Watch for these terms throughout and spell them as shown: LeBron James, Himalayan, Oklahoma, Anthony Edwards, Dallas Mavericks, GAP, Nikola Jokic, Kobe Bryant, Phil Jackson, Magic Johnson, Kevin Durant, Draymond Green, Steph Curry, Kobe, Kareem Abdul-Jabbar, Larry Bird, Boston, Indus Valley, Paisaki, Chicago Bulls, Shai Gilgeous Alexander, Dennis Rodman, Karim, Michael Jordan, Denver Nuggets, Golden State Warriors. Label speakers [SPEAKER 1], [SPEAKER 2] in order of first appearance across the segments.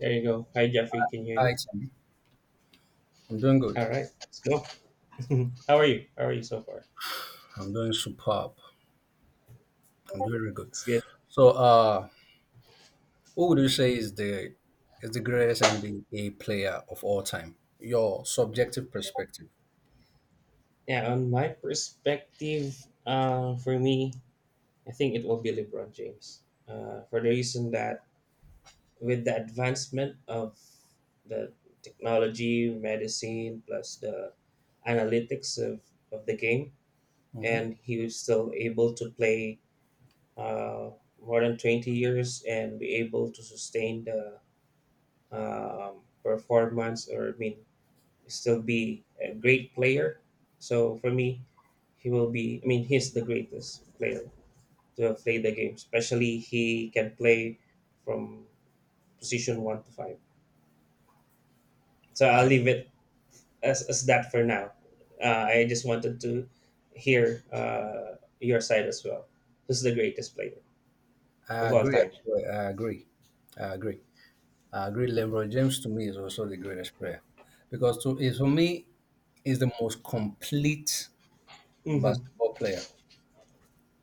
[SPEAKER 1] There you go. Hi, Jeffrey. Can you hear me?
[SPEAKER 2] Hi, Tim. I'm doing
[SPEAKER 1] All
[SPEAKER 2] good.
[SPEAKER 1] right, let's go. How are you? How are you so far?
[SPEAKER 2] I'm doing superb. I'm doing really good.
[SPEAKER 1] It's good.
[SPEAKER 2] So, who would you say is the greatest NBA player of all time? Your subjective perspective.
[SPEAKER 1] Yeah, on my perspective, for me, I think it will be LeBron James. For the reason that with the advancement of the technology, medicine, plus the analytics of the game,
[SPEAKER 2] hmm
[SPEAKER 1] and he was still able to play uh, more than 20 years and be able to sustain the performance or, I mean, still be a great player. So for me, he will be. I mean, he's the greatest player to have played the game. Especially he can play from position one to five. So I'll
[SPEAKER 2] I
[SPEAKER 1] leave it as that for now. I just wanted to hear your side as well. Who's the greatest player
[SPEAKER 2] I
[SPEAKER 1] of all
[SPEAKER 2] agree.
[SPEAKER 1] time?
[SPEAKER 2] Actually, I agree. I agree. I agree. LeBron James to me is also the greatest player because to is for me is the most complete
[SPEAKER 1] Hmm.
[SPEAKER 2] basketball player.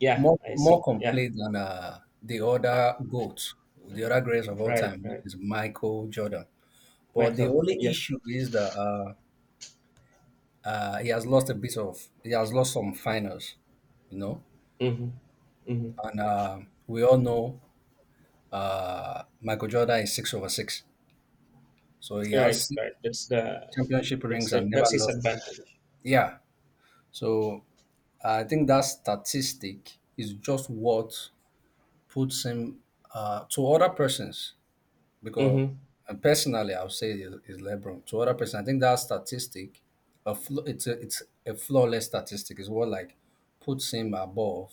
[SPEAKER 1] Yeah,
[SPEAKER 2] More
[SPEAKER 1] I
[SPEAKER 2] more
[SPEAKER 1] see. Yeah,
[SPEAKER 2] complete than the other goats, the other greatest of all
[SPEAKER 1] right,
[SPEAKER 2] time, which
[SPEAKER 1] right.
[SPEAKER 2] is Michael Jordan. But the
[SPEAKER 1] Michael.
[SPEAKER 2] only
[SPEAKER 1] Yeah.
[SPEAKER 2] issue is that he has lost a bit of, he has lost some finals, you know.
[SPEAKER 1] Mm-hmm. Mm-hmm.
[SPEAKER 2] And we all know Michael Jordan is six over six. So he
[SPEAKER 1] Right,
[SPEAKER 2] has six
[SPEAKER 1] right. That's the
[SPEAKER 2] championship
[SPEAKER 1] that's
[SPEAKER 2] rings
[SPEAKER 1] the
[SPEAKER 2] and never
[SPEAKER 1] that's his
[SPEAKER 2] lost.
[SPEAKER 1] advantage.
[SPEAKER 2] Yeah. So I think that statistic is just what puts him to other persons because
[SPEAKER 1] Mm-hmm.
[SPEAKER 2] and personally, I would say is LeBron. To other person, I think that statistic, it's a flawless statistic. Is what like puts him above,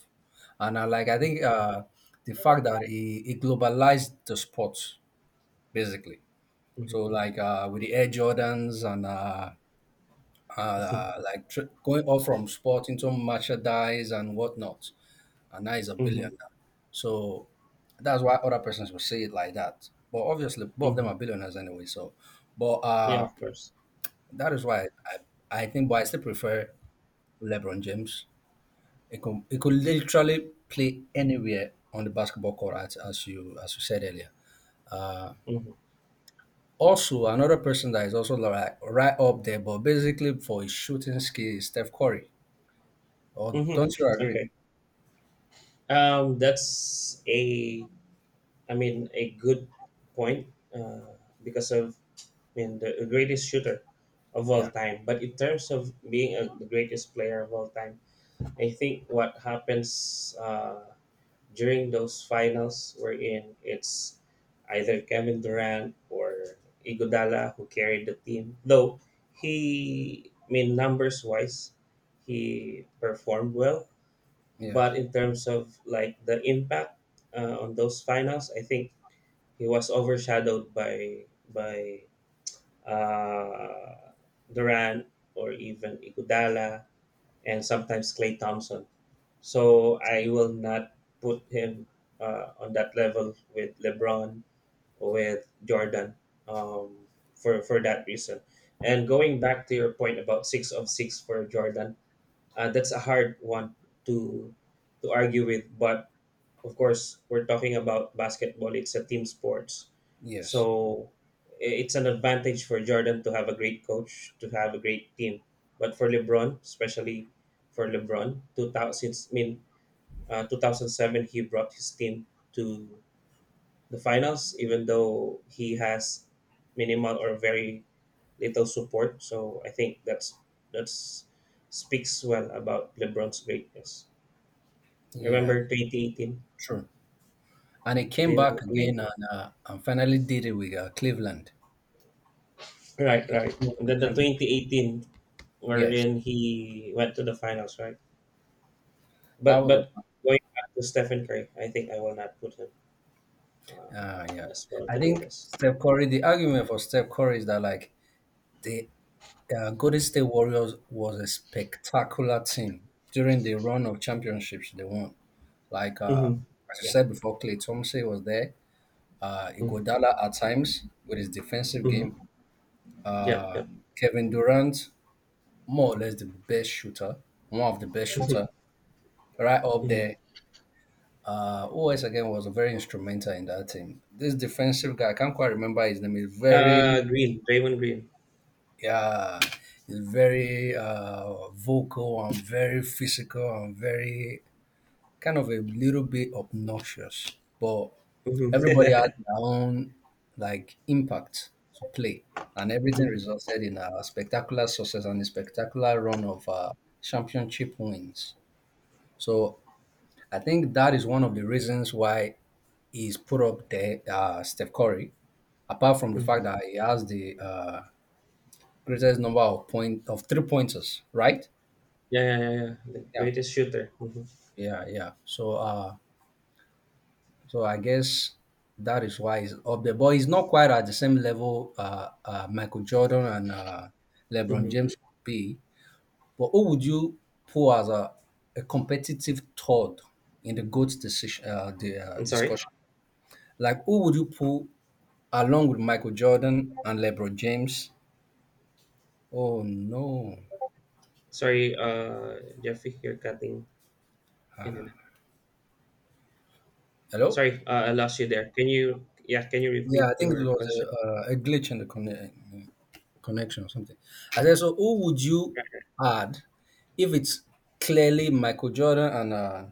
[SPEAKER 2] and I like I think
[SPEAKER 1] Mm-hmm.
[SPEAKER 2] the fact that he globalized the sport basically.
[SPEAKER 1] Mm-hmm.
[SPEAKER 2] So like with the Air Jordans and
[SPEAKER 1] Mm-hmm.
[SPEAKER 2] like going off from sport into merchandise and whatnot, and now he's a
[SPEAKER 1] Mm-hmm.
[SPEAKER 2] billionaire. So that's why other persons will say it like that. But obviously, both of them
[SPEAKER 1] Mm-hmm.
[SPEAKER 2] are billionaires anyway. So, but
[SPEAKER 1] Yeah, of course.
[SPEAKER 2] that is why I think, but I still prefer LeBron James. It could literally play anywhere on the basketball court, as you said earlier. Uh,
[SPEAKER 1] Mm-hmm.
[SPEAKER 2] Also, another person that is also like right up there, but basically for his shooting skill is Steph Curry. Or
[SPEAKER 1] Mm-hmm.
[SPEAKER 2] don't you agree?
[SPEAKER 1] Okay. That's a, I mean, a good point because of, I mean, the greatest shooter of
[SPEAKER 2] Yeah,
[SPEAKER 1] all time. But in terms of being the greatest player of all time, I think what happens. During those finals wherein it's either Kevin Durant or Iguodala who carried the team. Though I mean, numbers wise, he performed well,
[SPEAKER 2] yeah,
[SPEAKER 1] but in terms of like the impact on those finals, I think he was overshadowed by by uh, Durant or even Iguodala and sometimes Clay Thompson. So I will not put him on that level with LeBron or with Jordan, um, for that reason. And going back to your point about six of six for Jordan, that's a hard one to to argue with. But of course, we're talking about basketball. It's a team sports,
[SPEAKER 2] yes,
[SPEAKER 1] so it's an advantage for Jordan to have a great coach, to have a great team. But for LeBron, especially for LeBron, I mean, 2007, he brought his team to the finals, even though he has minimal or very little support. So I think that's that's speaks well about LeBron's greatness.
[SPEAKER 2] yeah,
[SPEAKER 1] Remember 2018?
[SPEAKER 2] true. And he came back
[SPEAKER 1] I mean,
[SPEAKER 2] again and finally did it with Cleveland.
[SPEAKER 1] right,
[SPEAKER 2] Finally
[SPEAKER 1] right.
[SPEAKER 2] won
[SPEAKER 1] And
[SPEAKER 2] the
[SPEAKER 1] then the
[SPEAKER 2] championship.
[SPEAKER 1] 2018
[SPEAKER 2] Yes,
[SPEAKER 1] wherein he went to the finals, right?
[SPEAKER 2] that was
[SPEAKER 1] But going back to Stephen Curry, I think I will not put him uh,
[SPEAKER 2] a yeah.
[SPEAKER 1] as one of
[SPEAKER 2] I
[SPEAKER 1] the
[SPEAKER 2] think
[SPEAKER 1] greatest.
[SPEAKER 2] Steph Curry. The argument for Steph Curry is that like the Golden State Warriors was a spectacular team during the run of championships they won. Like
[SPEAKER 1] Mm-hmm.
[SPEAKER 2] as I
[SPEAKER 1] Yeah.
[SPEAKER 2] said before, Clay Thompson was there.
[SPEAKER 1] Mm-hmm.
[SPEAKER 2] Iguodala at times with his defensive game.
[SPEAKER 1] Mm-hmm. Yep.
[SPEAKER 2] Uh,
[SPEAKER 1] Yep.
[SPEAKER 2] Kevin Durant, more or less the best shooter, one of the best
[SPEAKER 1] Mm-hmm.
[SPEAKER 2] shooter, right up
[SPEAKER 1] Mm-hmm.
[SPEAKER 2] there, who again was very instrumental in that team. This defensive guy, I can't quite remember his name.
[SPEAKER 1] Draymond Green.
[SPEAKER 2] Yeah, he's very vocal and very physical and very kind of a little bit obnoxious. But
[SPEAKER 1] Mm-hmm.
[SPEAKER 2] everybody had their own like impact to play, and everything
[SPEAKER 1] Mm-hmm.
[SPEAKER 2] resulted in a spectacular success and a spectacular run of championship wins. So I think that is one of the reasons why is put up there, Steph Curry, apart from the
[SPEAKER 1] Mm-hmm.
[SPEAKER 2] fact that he has the greatest number of point of three pointers, right?
[SPEAKER 1] Yeah, yeah, yeah, yeah. The
[SPEAKER 2] Yeah,
[SPEAKER 1] greatest shooter. Mm-hmm.
[SPEAKER 2] yeah. So, so I guess that is why he's up there, but he's not quite at the same level Michael Jordan and LeBron
[SPEAKER 1] Mm-hmm.
[SPEAKER 2] James would be. But who would you pull as a competitive third in the GOAT decision,
[SPEAKER 1] I'm sorry.
[SPEAKER 2] discussion? Like, who would you pull along with Michael Jordan and LeBron James. Oh no.
[SPEAKER 1] Sorry, Jeffrey, you're cutting in and out.
[SPEAKER 2] Hello?
[SPEAKER 1] Sorry, I lost you there. Can you, yeah, can you
[SPEAKER 2] Yeah,
[SPEAKER 1] repeat
[SPEAKER 2] I think it
[SPEAKER 1] your
[SPEAKER 2] was
[SPEAKER 1] question?
[SPEAKER 2] a glitch in the connection or something. I said, so who would you add if it's clearly Michael Jordan and uh,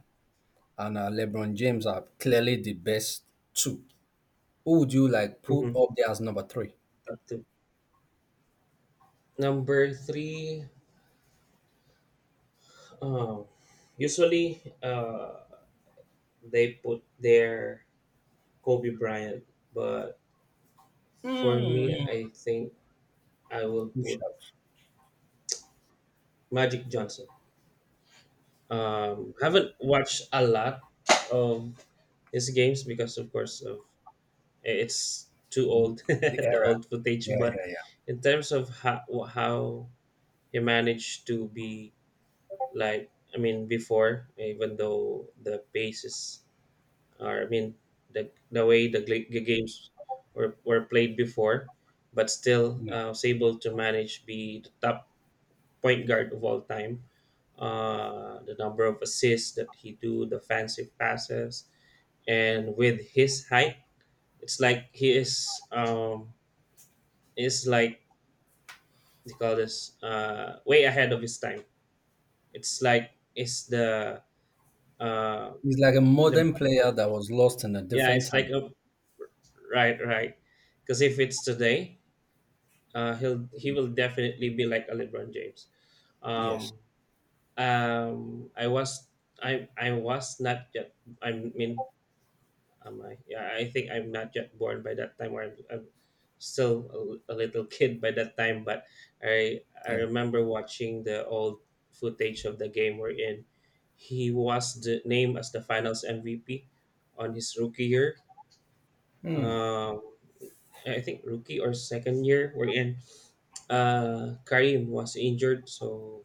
[SPEAKER 2] and uh, LeBron James are clearly the best two? Who would you like put
[SPEAKER 1] Mhm.
[SPEAKER 2] up there as number three?
[SPEAKER 1] Okay. Number three, um, usually, they put their Kobe Bryant, but for me,
[SPEAKER 2] Mm.
[SPEAKER 1] I think I will put
[SPEAKER 2] Push-ups.
[SPEAKER 1] Magic Johnson. Haven't watched a lot of his games because, of course, of it's too old,
[SPEAKER 2] The
[SPEAKER 1] the
[SPEAKER 2] era.
[SPEAKER 1] old footage.
[SPEAKER 2] Yeah,
[SPEAKER 1] But
[SPEAKER 2] yeah, yeah,
[SPEAKER 1] in terms of how he managed to be like, I mean, before, even though the pace is, or I mean, the way the games were played before, but still
[SPEAKER 2] yeah.
[SPEAKER 1] was able to manage be the top point guard of all time. The number of assists that he do, the fancy passes, and with his height, it's like he is like they call this way ahead of his time. It's like it's the uh
[SPEAKER 2] He's like a modern
[SPEAKER 1] LeBron
[SPEAKER 2] player
[SPEAKER 1] James.
[SPEAKER 2] that was lost in a
[SPEAKER 1] Yeah,
[SPEAKER 2] different
[SPEAKER 1] it's like
[SPEAKER 2] time.
[SPEAKER 1] a right, right, because if it's today, he will definitely be like a LeBron James.
[SPEAKER 2] Yes.
[SPEAKER 1] Um, I was I was not yet. I mean, am I? Yeah, I think I'm not yet born by that time, or I'm still a little kid by that time. But I
[SPEAKER 2] Yeah.
[SPEAKER 1] remember watching the old footage of the game we're in. He was the, named as the Finals MVP on his rookie year. Um, I think rookie or second year we're in, Karim was injured, so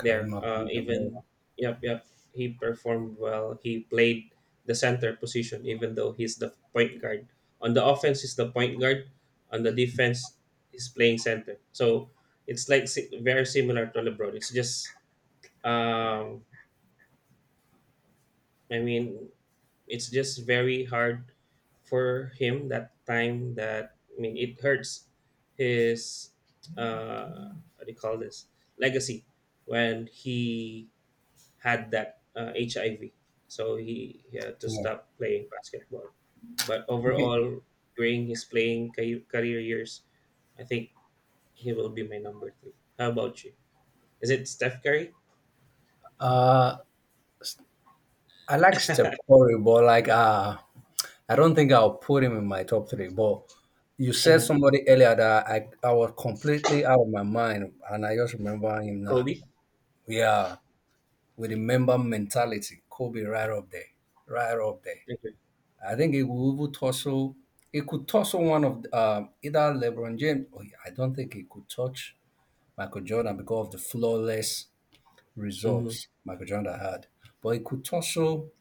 [SPEAKER 2] Kareem
[SPEAKER 1] there.
[SPEAKER 2] Abdul-Jabbar.
[SPEAKER 1] Even Yep, yep. He performed well. He played the center position, even though he's the point guard. On the offense, he's the point guard. On the defense, he's playing center. So it's like very similar to LeBron. It's just um, I mean it's just very hard for him that time that I mean it hurts his uh what do you call this, legacy, when he had that, HIV, so he had to
[SPEAKER 2] Yeah.
[SPEAKER 1] stop playing basketball, but
[SPEAKER 2] Okay.
[SPEAKER 1] overall during his playing career years, I think he will be my number three. How about you? Is it Steph Curry?
[SPEAKER 2] Uh, I like Steph Curry, but like I don't think I'll put him in my top three. But you said
[SPEAKER 1] Uh-huh.
[SPEAKER 2] somebody earlier that I was completely out of my mind, and I just remember him now.
[SPEAKER 1] Kobe.
[SPEAKER 2] Yeah, with the member mentality, Kobe right up there.
[SPEAKER 1] Okay.
[SPEAKER 2] I think it will even tussle. It could tussle one of the, either LeBron James. Or I don't think it could touch Michael Jordan because of the flawless
[SPEAKER 1] Mm-hmm.
[SPEAKER 2] results Michael Jordan had. But it could
[SPEAKER 1] Mm-hmm.
[SPEAKER 2] tussle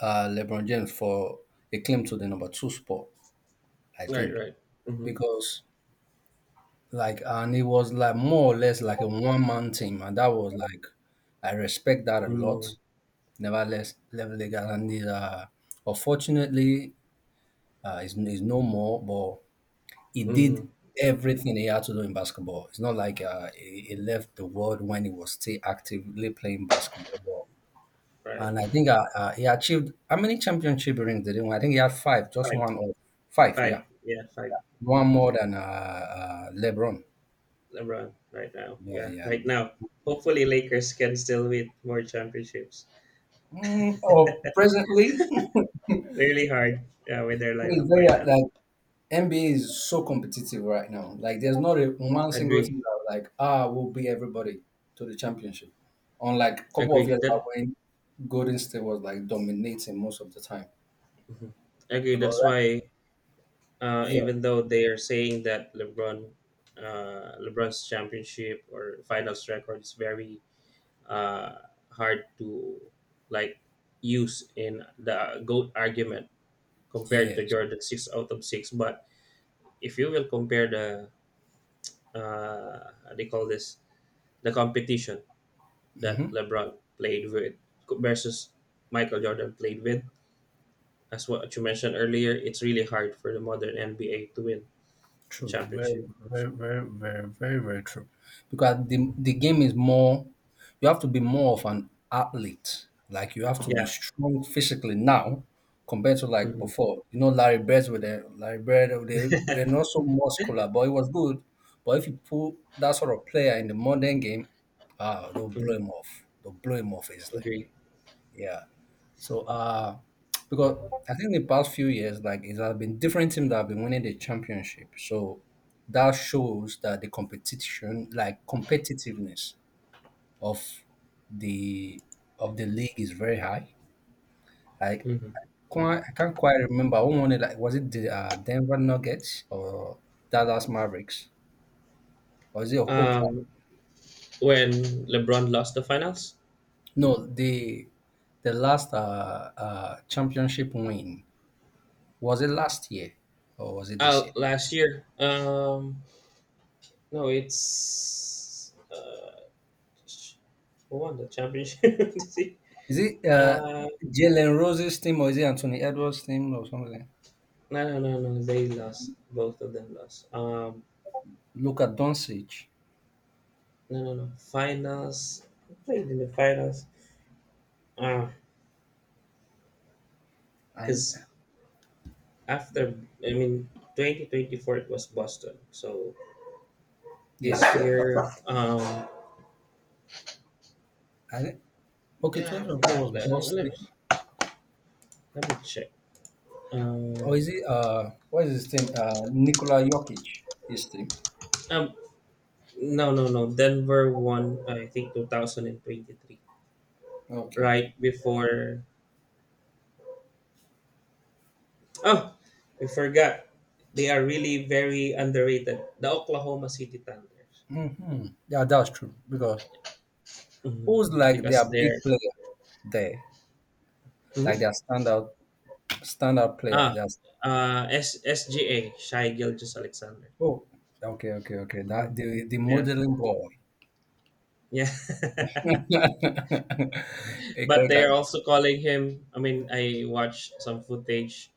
[SPEAKER 2] LeBron James for a claim to the number two spot, I
[SPEAKER 1] Right,
[SPEAKER 2] think,
[SPEAKER 1] right. Mm-hmm.
[SPEAKER 2] because like and it was like more or less like a one man team, and that was like I respect that a lot.
[SPEAKER 1] Mm-hmm.
[SPEAKER 2] Nevertheless, level legal and it, unfortunately, is no more, but he
[SPEAKER 1] Mhm.
[SPEAKER 2] did
[SPEAKER 1] Yeah.
[SPEAKER 2] everything he had to do in basketball. It's not like he left the world when he was still actively playing basketball.
[SPEAKER 1] Right.
[SPEAKER 2] And I think
[SPEAKER 1] Mhm.
[SPEAKER 2] he achieved how many championship rings did he win? I think he had five, just
[SPEAKER 1] Five.
[SPEAKER 2] one or five,
[SPEAKER 1] Five.
[SPEAKER 2] yeah.
[SPEAKER 1] Yeah. Five. Mm.
[SPEAKER 2] One more than LeBron.
[SPEAKER 1] LeBron right now.
[SPEAKER 2] Yeah,
[SPEAKER 1] Yeah.
[SPEAKER 2] yeah.
[SPEAKER 1] Right now. Hopefully, Lakers can still win more championships.
[SPEAKER 2] Mm, or presently,
[SPEAKER 1] Really hard. Yeah, with their
[SPEAKER 2] it's
[SPEAKER 1] lineup
[SPEAKER 2] very
[SPEAKER 1] right now.
[SPEAKER 2] like NBA is so competitive right now. Like there's not a one single
[SPEAKER 1] Agree.
[SPEAKER 2] team that like ah will beat everybody to the championship. Unlike a couple of
[SPEAKER 1] Agree.
[SPEAKER 2] years
[SPEAKER 1] That.
[SPEAKER 2] back when Golden State was like dominating most of the time.
[SPEAKER 1] Mhm. Agree.
[SPEAKER 2] Because
[SPEAKER 1] That's
[SPEAKER 2] right-
[SPEAKER 1] why.
[SPEAKER 2] yeah,
[SPEAKER 1] Even though they are saying that LeBron's championship or finals record is very, hard to like use in the goat argument compared to
[SPEAKER 2] yes.
[SPEAKER 1] Jordan six out of six. But if you will compare the, what they call this, the competition that
[SPEAKER 2] Mhm.
[SPEAKER 1] LeBron played with versus Michael Jordan played with, as what you mentioned earlier, it's really hard for the modern NBA to win a
[SPEAKER 2] True,
[SPEAKER 1] championship.
[SPEAKER 2] very true. Because the game is more. You have to be more of an athlete. Like you have to be
[SPEAKER 1] Yeah,
[SPEAKER 2] strong physically now, compared to like
[SPEAKER 1] hmm,
[SPEAKER 2] before. You know, Larry Bird, they were not so muscular, but it was good. But if you put that sort of player in the modern game, they'll blow
[SPEAKER 1] hmm.
[SPEAKER 2] him off. They'll blow him off easily.
[SPEAKER 1] Agree.
[SPEAKER 2] Yeah. So because I think the past few years, like it has been different teams that have been winning the championship. So that shows that the competition, like competitiveness of the the league is very high. Like
[SPEAKER 1] Hmm, hmm.
[SPEAKER 2] quite, I can't quite remember who won it. Like was it the Denver Nuggets or Dallas Mavericks? Or is it Oklahoma?
[SPEAKER 1] Um, when LeBron lost the finals,
[SPEAKER 2] No, the last championship win, was it last year or was it this year?
[SPEAKER 1] last year, no, it's. Who won the championship? See?
[SPEAKER 2] Is it
[SPEAKER 1] Uh,
[SPEAKER 2] Jalen Rose's team or is it Anthony Edwards' team or something?
[SPEAKER 1] no, no, no, no. They lost. Both of them lost.
[SPEAKER 2] Look Doncic.
[SPEAKER 1] No, no, no. Finals. Who played in the finals. Ah,
[SPEAKER 2] And
[SPEAKER 1] because after, I mean, 2024 it was Boston. So this
[SPEAKER 2] yes,
[SPEAKER 1] year, um,
[SPEAKER 2] I okay.
[SPEAKER 1] yeah.
[SPEAKER 2] 24 was Boston,
[SPEAKER 1] Let me check. Um,
[SPEAKER 2] or is it? What is his team? Nikola Jokic, his team.
[SPEAKER 1] um, no, no, no. Denver won. I think 2023.
[SPEAKER 2] Okay,
[SPEAKER 1] Right
[SPEAKER 2] okay.
[SPEAKER 1] before Oh, I forgot. They are really very underrated. The Oklahoma City Thunder.
[SPEAKER 2] Yeah, that's true because
[SPEAKER 1] Mhm.
[SPEAKER 2] who's like their
[SPEAKER 1] Because
[SPEAKER 2] big
[SPEAKER 1] they're,
[SPEAKER 2] player there,
[SPEAKER 1] mhm,
[SPEAKER 2] like their standout player.
[SPEAKER 1] ah
[SPEAKER 2] That's
[SPEAKER 1] S SGA, Shai Gilgeous Alexander.
[SPEAKER 2] oh, okay, okay, okay. That
[SPEAKER 1] Mhm.
[SPEAKER 2] the
[SPEAKER 1] Yeah,
[SPEAKER 2] modeling boy.
[SPEAKER 1] yeah.
[SPEAKER 2] Okay,
[SPEAKER 1] But they
[SPEAKER 2] okay.
[SPEAKER 1] are also calling him. I mean, I watched some footage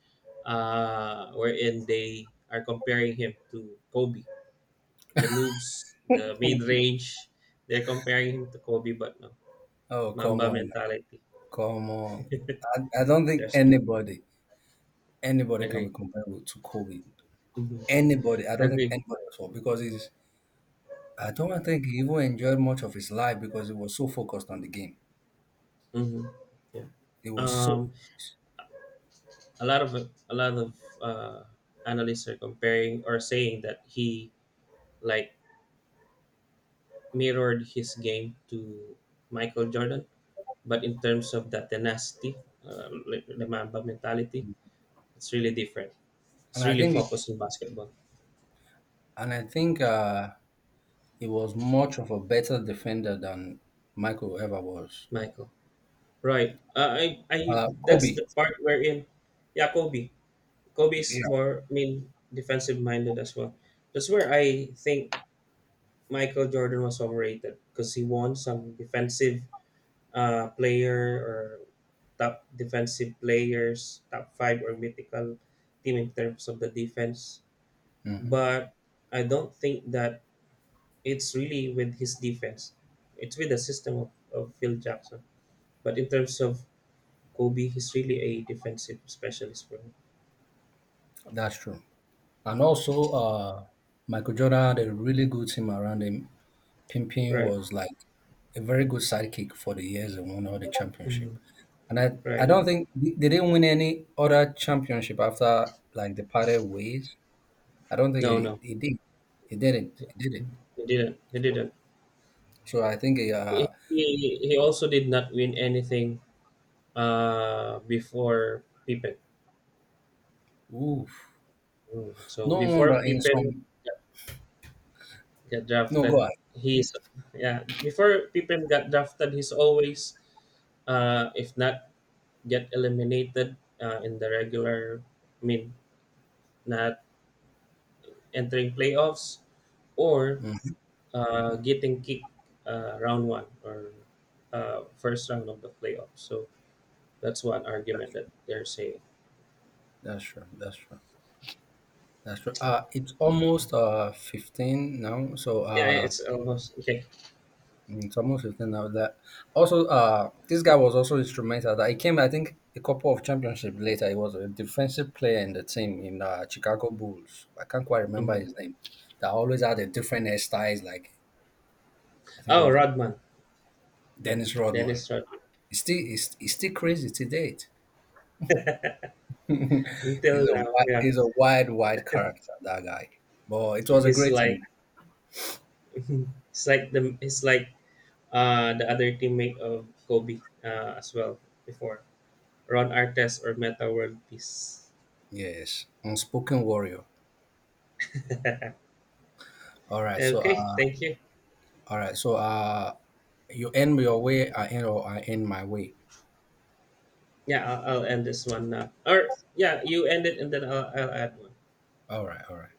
[SPEAKER 1] wherein they are comparing him to Kobe. The moves, the mid range, they're comparing him to Kobe, but no
[SPEAKER 2] Oh, come
[SPEAKER 1] Mamba
[SPEAKER 2] on,
[SPEAKER 1] mentality.
[SPEAKER 2] come on. I don't think
[SPEAKER 1] There's no.
[SPEAKER 2] anybody, anybody can
[SPEAKER 1] Agree.
[SPEAKER 2] be comparable to Kobe.
[SPEAKER 1] Mhm.
[SPEAKER 2] Anybody, I don't think
[SPEAKER 1] Agreed.
[SPEAKER 2] anybody at all because he's, I don't think he even enjoyed much of his life because he was so focused on the game.
[SPEAKER 1] Hmm. Yeah.
[SPEAKER 2] He was so
[SPEAKER 1] Um,
[SPEAKER 2] focused.
[SPEAKER 1] a lot of a lot of uh, analysts are comparing or saying that he like mirrored his game to Michael Jordan, but in terms of the tenacity, like the Mamba mentality, it's really different.
[SPEAKER 2] And
[SPEAKER 1] It's
[SPEAKER 2] I
[SPEAKER 1] really
[SPEAKER 2] think,
[SPEAKER 1] focused on basketball,
[SPEAKER 2] and I think he was much of a better defender than Michael ever was.
[SPEAKER 1] Michael. Right. I I that's the
[SPEAKER 2] Kobe,
[SPEAKER 1] part wherein, yeah, Kobe. Kobe's
[SPEAKER 2] yeah.
[SPEAKER 1] more, I mean, defensive minded as well. That's where I think Michael Jordan was overrated because he won some defensive, player, or top defensive players, top five or mythical team in terms of the defense. But I don't think that it's really with his defense. It's with the system of Phil Jackson. But in terms of Kobe, he's really a defensive specialist for him.
[SPEAKER 2] That's true. And also, Michael Jordan had a really good team around him. Pimpin
[SPEAKER 1] Right.
[SPEAKER 2] was like a very good sidekick for the years and won all the championship.
[SPEAKER 1] Mhm.
[SPEAKER 2] And I
[SPEAKER 1] Right.
[SPEAKER 2] don't think they didn't win any other championship after like they parted ways. I don't think
[SPEAKER 1] No, no.
[SPEAKER 2] it did. It didn't. It did it.
[SPEAKER 1] He didn't. He didn't.
[SPEAKER 2] So I think
[SPEAKER 1] He also did not win anything, before Pippen.
[SPEAKER 2] oof.
[SPEAKER 1] Mm. So
[SPEAKER 2] No
[SPEAKER 1] before
[SPEAKER 2] wonder in
[SPEAKER 1] Pippen
[SPEAKER 2] some.
[SPEAKER 1] got, got
[SPEAKER 2] No, go
[SPEAKER 1] drafted,
[SPEAKER 2] ahead.
[SPEAKER 1] he's, yeah. Before Pippen got drafted, he's always, if not get eliminated, in the regular, I mean, not entering playoffs, or getting kicked, round one, or first round of the playoffs. So that's one argument that they're saying.
[SPEAKER 2] That's true. That's true. That's true. It's almost 15 now. So
[SPEAKER 1] Yeah,
[SPEAKER 2] uh,
[SPEAKER 1] it's almost okay.
[SPEAKER 2] it's almost 15 now that also this guy was also instrumental that he came I think a couple of championships later he was a defensive player in the team in Chicago Bulls. I can't quite remember
[SPEAKER 1] Mhm.
[SPEAKER 2] his name. That always had a different hairstyles like I think it
[SPEAKER 1] Oh,
[SPEAKER 2] was
[SPEAKER 1] Rodman,
[SPEAKER 2] Dennis Rodman.
[SPEAKER 1] Dennis Rodman.
[SPEAKER 2] He's still crazy to date.
[SPEAKER 1] Until
[SPEAKER 2] He's
[SPEAKER 1] now, yeah,
[SPEAKER 2] he's a wide wide character that guy. But it was a
[SPEAKER 1] he's
[SPEAKER 2] great thing.
[SPEAKER 1] like he's like the other teammate of Kobe, as well, before Ron Artest or Meta World Peace.
[SPEAKER 2] Yes. Unspoken warrior. All right. So
[SPEAKER 1] Okay, thank you.
[SPEAKER 2] all right. So you end your way I end my way.
[SPEAKER 1] Yeah, I'll end this one now. Or yeah, you end it and then I'll add one.
[SPEAKER 2] All right, all right.